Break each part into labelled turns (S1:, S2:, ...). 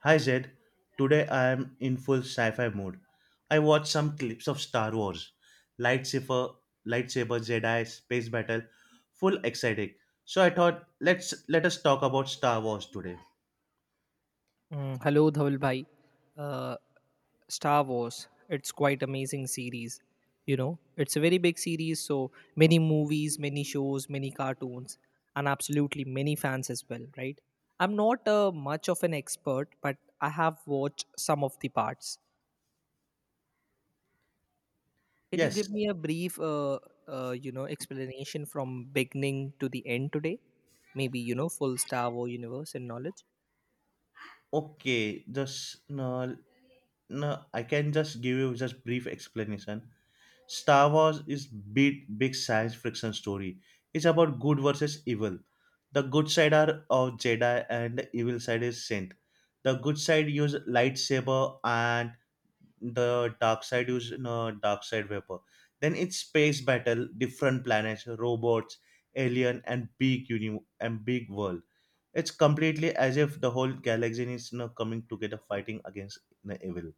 S1: Hi Zed, today I am in full sci-fi mode. I watched some clips of Star Wars, lightsaber, lightsaber, Jedi space battle, full exciting. So I thought let us talk about Star Wars today.
S2: Mm, hello, Dhawal bhai. Uh, Star Wars, it's quite amazing series. You know, it's a very big series, so many movies, many shows, many cartoons, and absolutely many fans as well, right? I'm not much of an expert, but I have watched some of the parts. Can you
S1: Yes,
S2: give me a brief, explanation from beginning to the end today? Maybe you know, full Star Wars universe and knowledge.
S1: okay, just no, no, I can just give you just brief explanation. Star Wars is big, big science fiction story. It's about good versus evil. The good side are of Jedi and the evil side is Sith. The good side use lightsaber and the dark side use dark side weapon. Then it's space battle, different planets, robots, alien, and big world. It's completely as if the whole galaxy is coming together, fighting against the evil.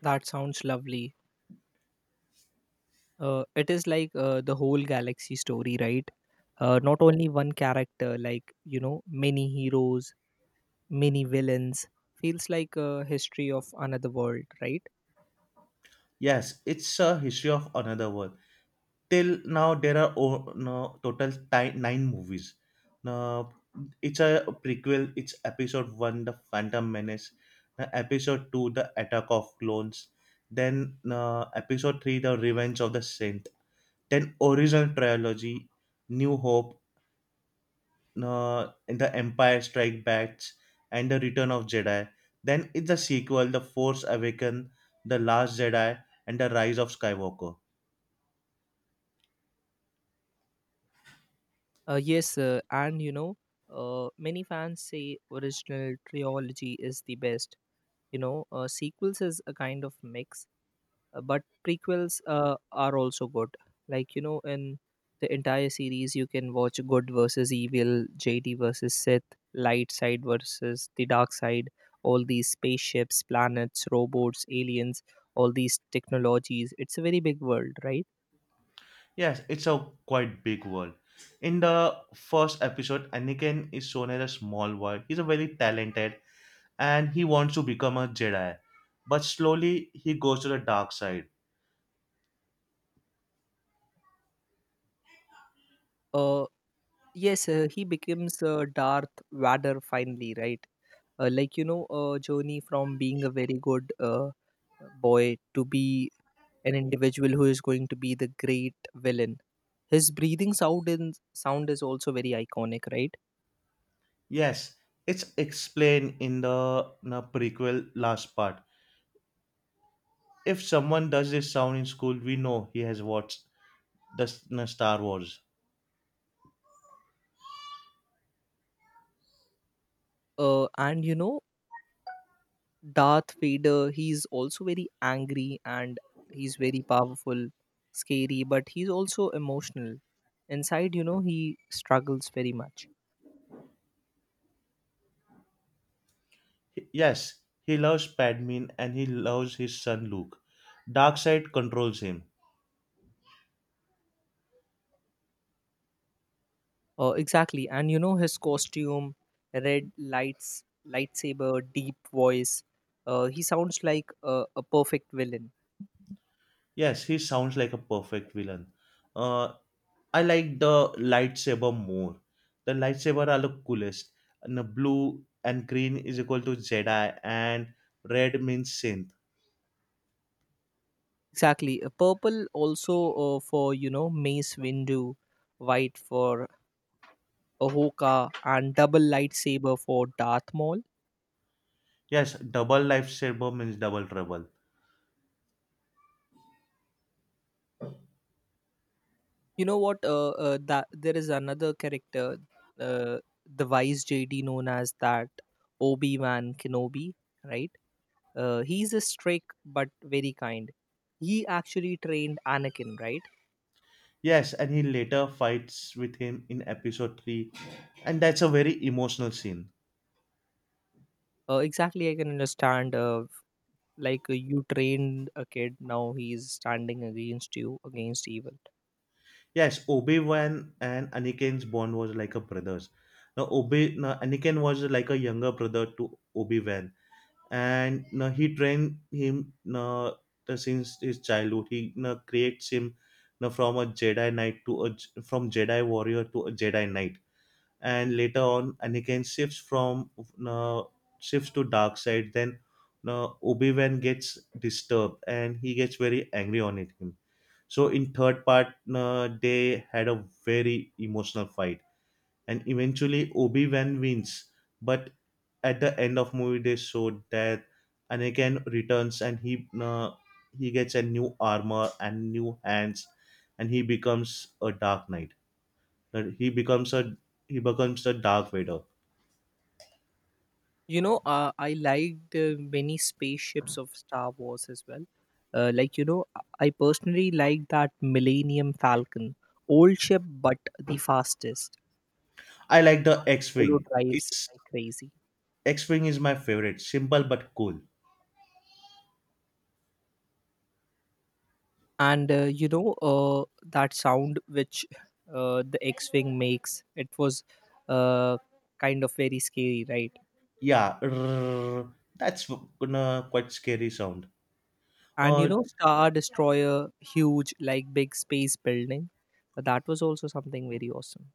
S2: That sounds lovely. It is like the whole galaxy story, right? Not only one character, like, you know, many heroes, many villains. Feels like a history of another world, right?
S1: Yes, it's a history of another world. Till now there are no, nine movies now. It's a prequel. It's episode one, The Phantom Menace, episode two, The Attack of Clones, then episode three, The Revenge of the Sith. Then original trilogy: New Hope, and The Empire Strike Back, and The Return of Jedi. Then it's the sequel: The Force Awakens, The Last Jedi, and The Rise of Skywalker.
S2: Yes, and you know, many fans say original trilogy is the best. You know, sequels is a kind of mix. But prequels are also good, like you know, in the entire series you can watch good versus evil, JD versus Sith, light side versus the dark side, all these spaceships, planets, robots, aliens, all these technologies. It's a very big world, right?
S1: Yes, it's a quite big world. In the first episode, Anakin is shown as a small boy. He's a very talented and he wants to become a Jedi. But slowly he goes to the dark side.
S2: uh yes he becomes Darth Vader finally, right? Like you know, a journey from being a very good boy to be an individual who is going to be the great villain. His breathing sound is also very iconic, right?
S1: Yes, it's explained in the prequel last part. If someone does this sound in school, we know he has watched the Star Wars.
S2: And you know, Darth Vader, he's also very angry, and he's very powerful, scary, but he's also emotional. Inside, you know, he struggles very much.
S1: Yes, he loves Padme and he loves his son Luke. Dark side controls him.
S2: Exactly, and you know, his costume, red lights, lightsaber, deep voice. He sounds like a perfect villain.
S1: Yes, he sounds like a perfect villain. Uh, I like the lightsaber more. The lightsaber are the coolest. And the blue and green is equal to Jedi, and red means synth.
S2: Exactly. A purple also for you know, Mace Windu, white for Ahoka, and double lightsaber for Darth Maul.
S1: Yes, double lightsaber means double trouble.
S2: You know what? That there is another character, uh, the Vice JD known as that Obi Wan Kenobi, right? He's a strict but very kind. He actually trained Anakin, right?
S1: Yes, and he later fights with him in episode 3, and that's a very emotional scene.
S2: Exactly, I can understand. Like you trained a kid, now he's standing against you, against evil.
S1: Yes, Obi-Wan and Anakin's bond was like a brothers. Now, Anakin was like a younger brother to Obi-Wan, and he trained him since his childhood. He creates him from a Jedi Knight from Jedi warrior to a Jedi Knight, and later on Anakin shifts to dark side. Then Obi Wan gets disturbed and he gets very angry on it him. So in third part, they had a very emotional fight and eventually Obi-Wan wins. But at the end of movie, they showed that Anakin returns and he gets a new armor and new hands, and he becomes a Dark Knight. That he becomes a Dark Vader.
S2: You know, I liked many spaceships of Star Wars as well. Like, you know, I personally like that Millennium Falcon. Old ship, but the fastest.
S1: I like the
S2: Solo
S1: X-wing.
S2: drives
S1: It's
S2: like crazy.
S1: X-wing is my favorite. Simple but cool.
S2: And, you know, that sound which the X Wing makes, it was uh, kind of very scary, right?
S1: Yeah, rrrr, that's gonna quite scary sound.
S2: And, you
S1: Uh,
S2: know, Star Destroyer, huge, like big space building. That was also something very awesome.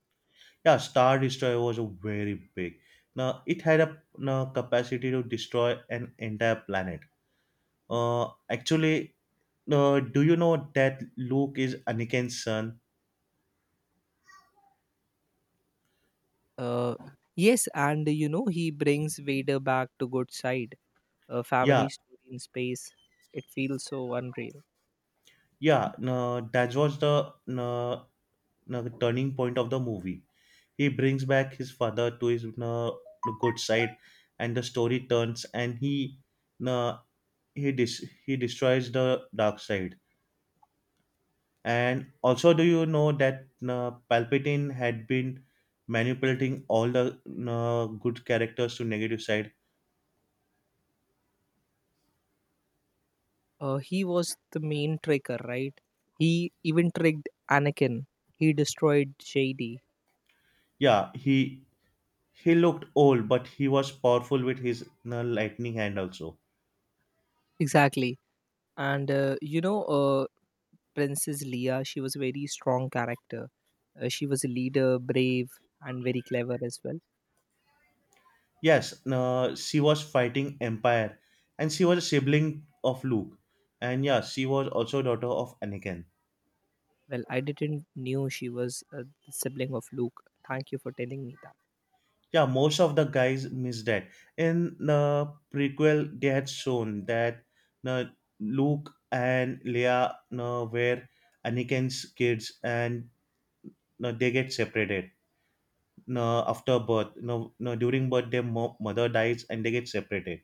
S1: Yeah, Star Destroyer was a very big. Now it had a capacity to destroy an entire planet. Actually, do you know that Luke is Anakin's son?
S2: Uh, yes, and you know, he brings Vader back to good side. A
S1: Yeah,
S2: family story in space. It feels so unreal.
S1: yeah. No, that was the no, no, turning point of the movie. He brings back his father to his no, good side, and the story turns, and he no, he dis- he destroys the dark side. And also, do you know that Palpatine had been manipulating all the good characters to negative side?
S2: He was the main tricker, right? He even tricked Anakin. He destroyed Shady.
S1: Yeah, he looked old, but he was powerful with his lightning hand also.
S2: Exactly. And you know, Princess Leia, she was a very strong character. She was a leader, brave, and very clever as well.
S1: Yes, she was fighting Empire, and she was a sibling of Luke, and yeah, she was also daughter of Anakin.
S2: Well, I didn't knew she was a sibling of Luke. Thank you for telling me that.
S1: Yeah, most of the guys missed that. In the prequel they had shown that uh, Luke and Leia were Anakin's kids, and they get separated after birth no, no during birth their mother dies and they get separated.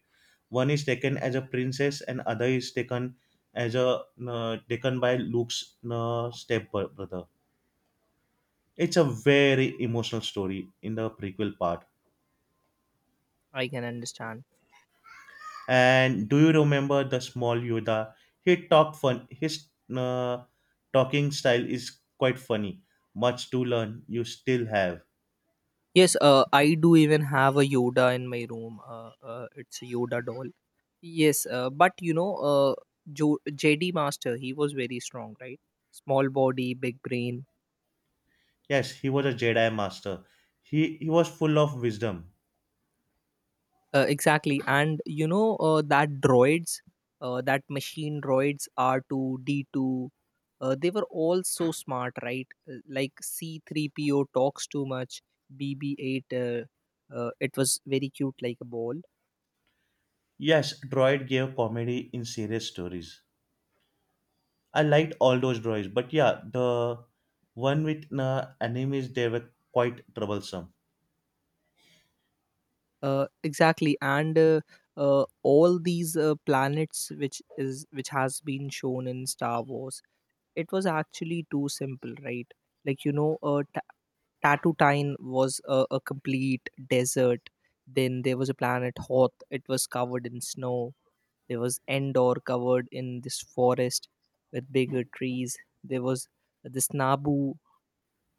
S1: One is taken as a princess and other is taken as a taken by Luke's step brother. It's a very emotional story in the prequel part.
S2: I can understand.
S1: And do you remember the small Yoda? He talked fun. His uh, talking style is quite funny. Much to learn. You still have.
S2: Yes, I do even have a Yoda in my room. It's a Yoda doll. Yes, but you know, JD Master, he was very strong, right? Small body, big brain.
S1: Yes, he was a Jedi master. He was full of wisdom.
S2: Exactly. And you know, that droids, that machine droids R2, D2, they were all so smart, right? Like C3PO talks too much, BB-8 it was very cute, like a ball.
S1: Yes, droid gave comedy in serious stories. I liked all those droids, but yeah, the one with enemies they were quite troublesome.
S2: Exactly, and all these planets, which has been shown in Star Wars, it was actually too simple, right? Like you know, Tatooine was a complete desert. Then there was a planet Hoth. It was covered in snow. There was Endor covered in this forest with bigger trees. There was this Naboo,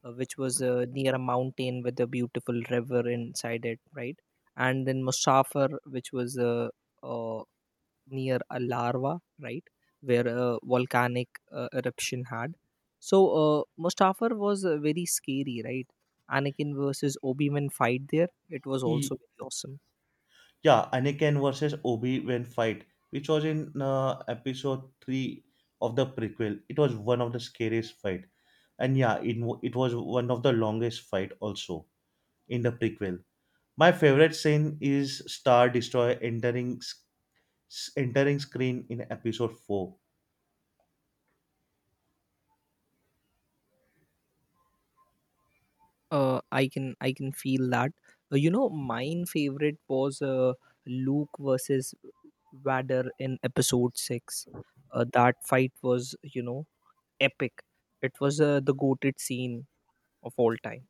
S2: which was near a mountain with a beautiful river inside it, right? And then Musafir, which was uh, near a larva, right, where a volcanic eruption had. So Mustafar was very scary, right? Anakin versus Obi Wan fight there. It was
S1: Y-
S2: also very awesome.
S1: Yeah, Anakin versus Obi-Wan fight, which was in episode 3 of the prequel. It was one of the scariest fight. And yeah, it was one of the longest fight also in the prequel. My favorite scene is Star Destroyer entering entering screen in episode 4.
S2: I can feel that. You know, mine favorite was Luke versus Vader in Episode Six. That fight was, you know, epic. It was the goated scene of all time.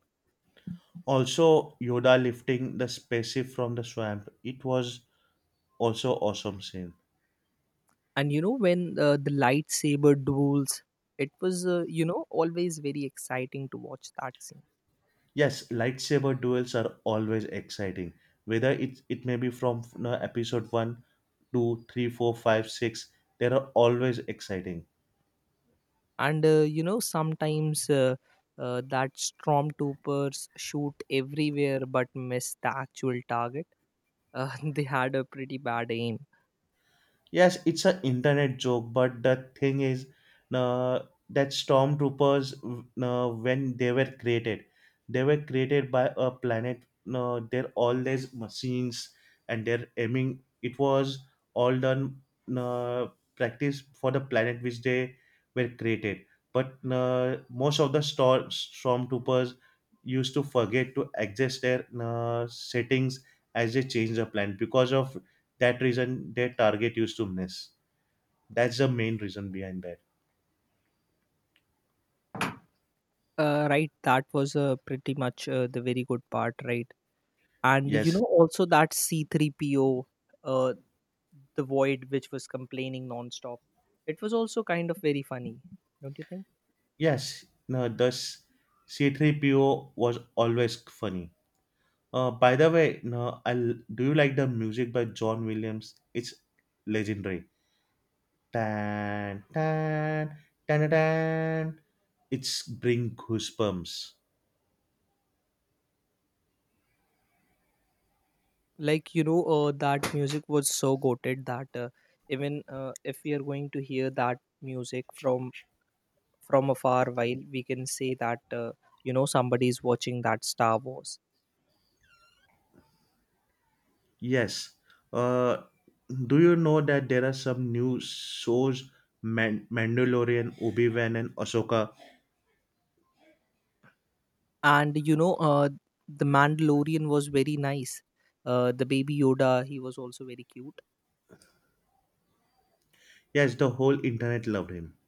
S1: Also Yoda lifting the spaceship from the swamp. It was also awesome scene.
S2: And you know, when the lightsaber duels, it was you know, always very exciting to watch that scene.
S1: Yes, lightsaber duels are always exciting. Whether it may be from episode one, two, three, four, five, six, they are always exciting.
S2: And you know, sometimes that stormtroopers shoot everywhere but miss the actual target. They had a pretty bad aim.
S1: Yes, it's an internet joke, but the thing is, uh, that stormtroopers, when they were created by a planet. They're all these machines, and they're aiming. It was all done uh, practice for the planet which they were created. But most of the stormtroopers used to forget to adjust their settings as they change the planet. Because of that reason their target used to miss. That's the main reason behind that.
S2: Right, that was pretty much the very good part, right? And you
S1: Yes.
S2: know also that C3PO, the void which was complaining nonstop. It was also kind of very funny, don't you think?
S1: Yes, no, thus C3PO was always funny. By the way, no I do you like the music by John Williams? It's legendary. Tan tan, tan tan. It's bring goosebumps.
S2: Like you know, that music was so goated that even if we are going to hear that music from afar, while we can say that you know, somebody is watching that Star Wars,
S1: Yes, uh do you know that there are some new shows? Mandalorian, Obi-Wan, and Ahsoka.
S2: and you know, the Mandalorian was very nice. The baby Yoda, he was also very cute.
S1: Yes, the whole internet loved him.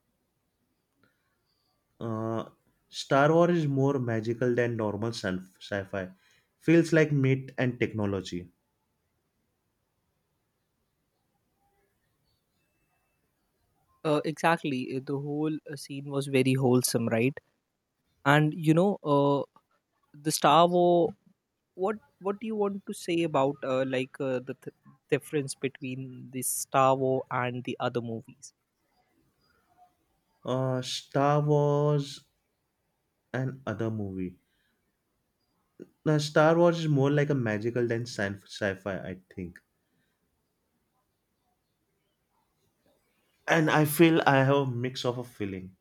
S1: Uh, Star Wars is more magical than normal sci-fi. Feels like myth and technology.
S2: Exactly, the whole scene was very wholesome, right? And you know, the Star Wars, what what do you want to say about like difference between the Star Wars and the other movies?
S1: Star Wars and other movie. Now, Star Wars is more like a magical than sci-fi, I think. And I feel I have a mix of a feeling.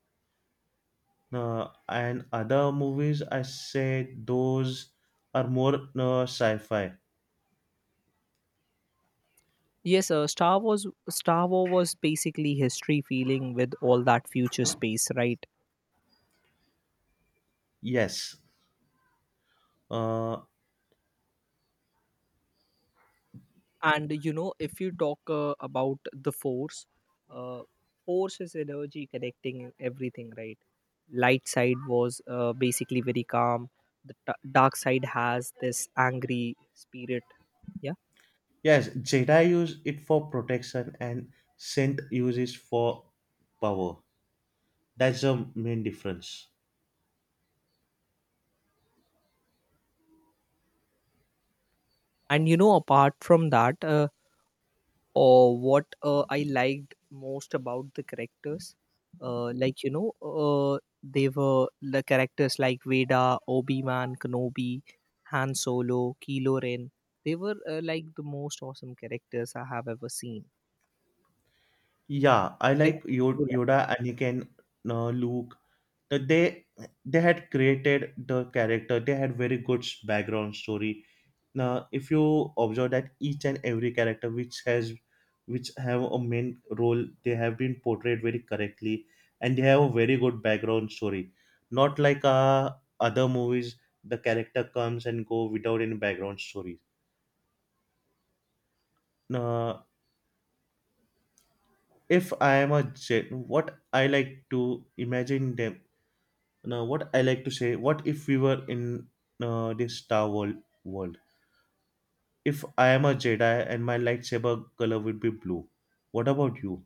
S1: And other movies, I said those are more sci-fi.
S2: Yes, Star Wars was basically history feeling with all that future space, right?
S1: Yes. Uh,
S2: And you know, if you talk about the Force, uh, Force is energy connecting everything, right? Light side was basically very calm. The dark side has this angry spirit, yeah.
S1: Yes, Jedi use it for protection and Sith uses for power. That's the main difference.
S2: And you know, apart from that. Or what I liked most about the characters. Like you know, they were the characters like Veda, Obi Wan Kenobi, Han Solo, Kylo Ren. They were like the most awesome characters I have ever seen.
S1: Yeah,
S2: What
S1: I like
S2: characters you like?
S1: Yoda, Anakin, Luke. That they had created the character. They had very good background story. Now, if you observe that each and every character which have a main role, they have been portrayed very correctly, and they have a very good background story. Not like other movies, the character comes and go without any background story. Now, if I am a Gen, what I like to say, what if we were in this Star World world? If I am a Jedi and my lightsaber color would be blue, what about you?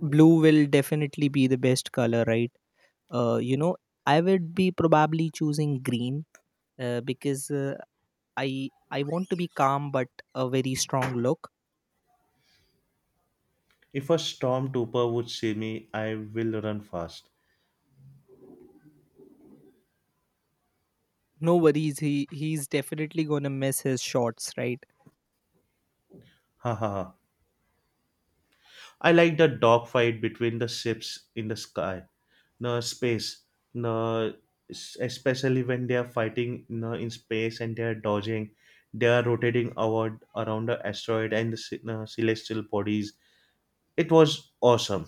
S2: Blue will definitely be the best color, right? You know, I would be probably choosing green because I want to be calm but a very strong look.
S1: If a stormtrooper would see me, I will run fast.
S2: No worries, he's definitely gonna miss his shots, right?
S1: Ha ha ha. I like the dogfight between the ships in the sky, no space, no, s- especially when they are fighting, no, in space, and they are dodging, they are rotating award around the asteroid and the ce- no, celestial bodies. It was awesome.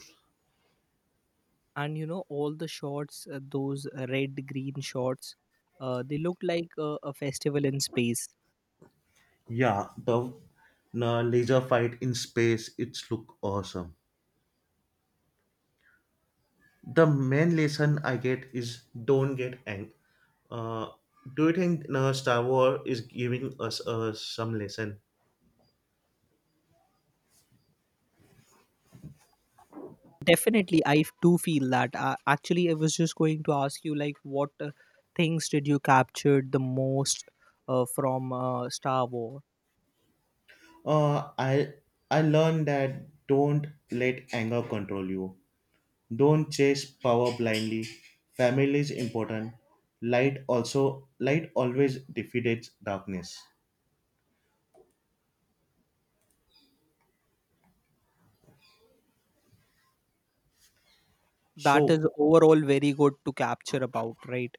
S2: And you know, all the shots, those red green shots, they look like a festival in space.
S1: Yeah, the laser fight in space, it's look awesome. The main lesson I get is don't get angry. Uh, do you think Star Wars is giving us some lesson?
S2: Definitely I do feel that. Actually I was just going to ask you, like, what things did you captured the most from Star Wars?
S1: Uh, I I learned that don't let anger control you. Don't chase power blindly. Family is important. Light always defeats darkness.
S2: That is
S1: So
S2: overall very good to capture about, right?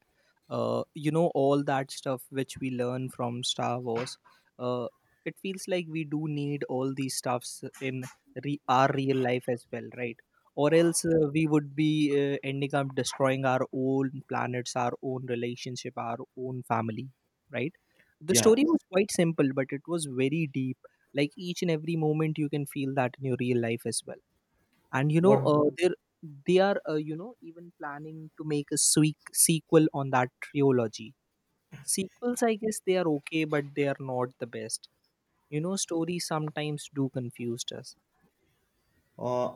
S2: You know, all that stuff which we learn from Star Wars, uh, it feels like we do need all these stuffs in our real life as well, right? Or else we would be ending up destroying our own planets, our own relationship, our own family, right? The
S1: yeah,
S2: story was quite simple, but it was very deep. Like, each and every moment you can feel that in your real life as well. And you know,
S1: what
S2: they are, you know, even planning to make a sweek sequel on that trilogy. Sequels, I guess they are okay, but they are not the best. You know, stories sometimes do confuse us.
S1: uh,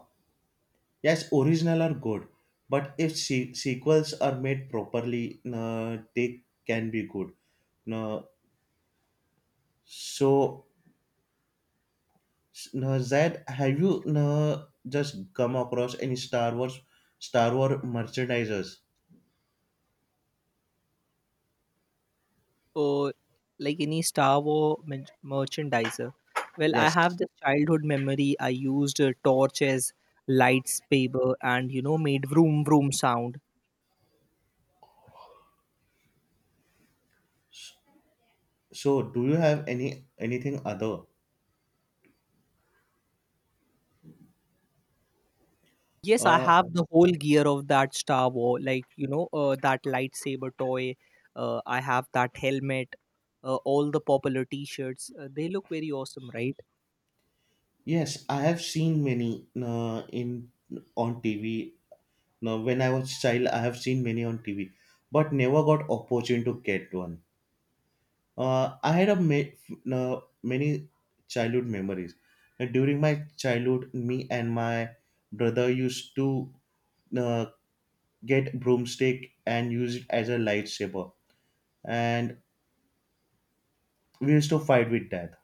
S1: Yes, original are good, but if sequels are made properly, they can be good. No, so no, Zed, have you no, just come across any Star Wars merchandisers?
S2: Or like any Star Wars merchandiser. Well, I have
S1: Yes.
S2: this childhood memory, I used a torch as lightsaber, and you know, made vroom vroom sound.
S1: So, do you have anything other?
S2: Yes, I
S1: Uh,
S2: have the whole gear of that Star Wars. Like you know, that lightsaber toy. I have that helmet, all the popular T-shirts. They look very awesome, right?
S1: yes, I have seen many in on TV. Now, when I was child, I have seen many on TV, but never got opportunity to get one. I had many childhood memories. During my childhood, me and my brother used to uh, get broomstick and use it as a lightsaber, and we used to fight with that.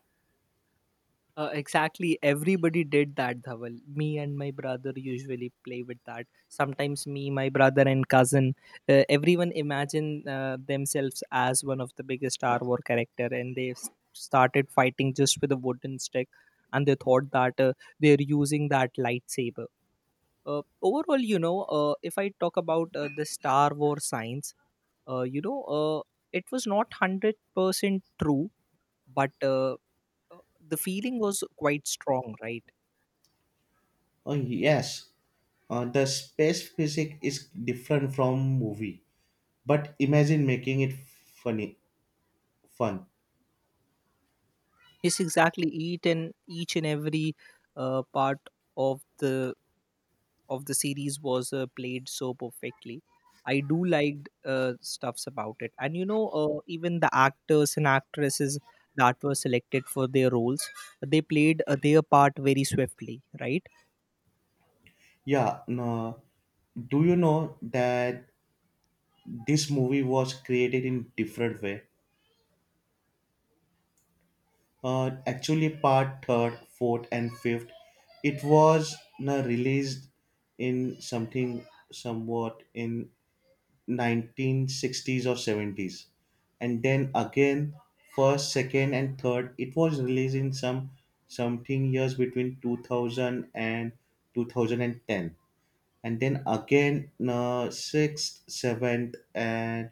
S2: Exactly. Everybody did that, Dhaval. Me and my brother usually play with that. Sometimes me, my brother, and cousin. Everyone imagine themselves as one of the biggest Star Wars character, and they started fighting just with a wooden stick, and they thought that they're using that lightsaber. Overall, you know, if I talk about the Star Wars science, you know, it was not 100% true, but the feeling was quite strong, right?
S1: Oh yes, the space physics is different from movie, but imagine making it funny, fun.
S2: Yes, exactly, each and every part of the series was played so perfectly. I do liked stuffs about it. And you know, even the actors and actresses that were selected for their roles, they played their part very swiftly, right?
S1: Yeah, no, do you know that this movie was created in different way? Actually part third, fourth, and fifth. It was released in something somewhat in 1960s or 70s, and then again first, second, and third. It was released in some something years between 2000 and 2010, and then again sixth, seventh, and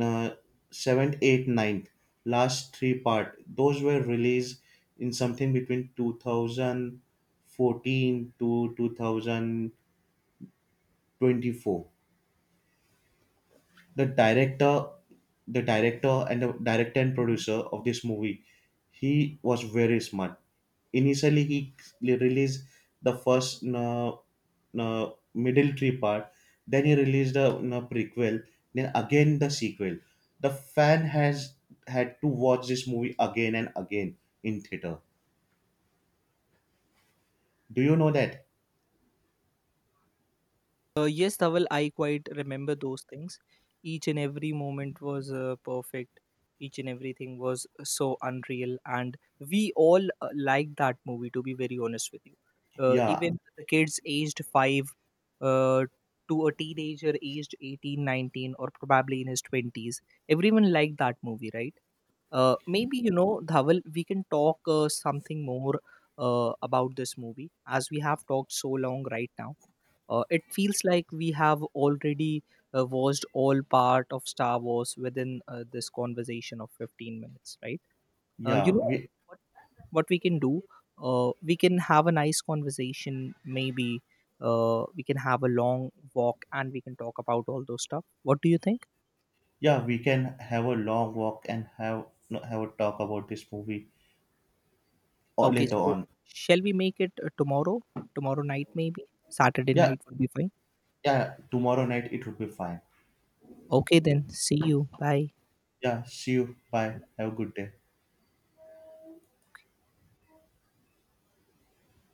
S1: uh, 7th, 8th, ninth, last three-part those were released in something between 2014 to 2024. The director the director and the director and
S2: Mhm.
S1: producer of this movie, he was very smart. Initially he released the first middle three part, then he released the prequel, then again the sequel. The fan has had to watch this movie again and again in theater. Do you know that?
S2: Yes, Dhaval, I quite remember those things. Each and every moment was perfect. Each and everything was so unreal, and we all liked that movie. To be very honest with you,
S1: Yeah,
S2: even the kids aged five uh, to a teenager aged 18, 19, or probably in his twenties, everyone liked that movie, right? Maybe you know, Dhaval, we can talk something more about this movie, as we have talked so long right now. It feels like we have already watched all part of Star Wars within this conversation of 15 minutes, right? You
S1: yeah,
S2: know
S1: we
S2: what, what we can do? We can have a nice conversation. Maybe we can have a long walk and we can talk about all those stuff. What do you think?
S1: yeah we can have a long walk and have a talk about this movie, or
S2: Okay,
S1: later
S2: so
S1: on.
S2: shall we make it tomorrow? Tomorrow night, maybe Saturday
S1: Yeah.
S2: night would be fine.
S1: Yeah, tomorrow night it would be fine.
S2: Okay, then see you. Bye.
S1: Yeah, see you. Bye. Have a good day.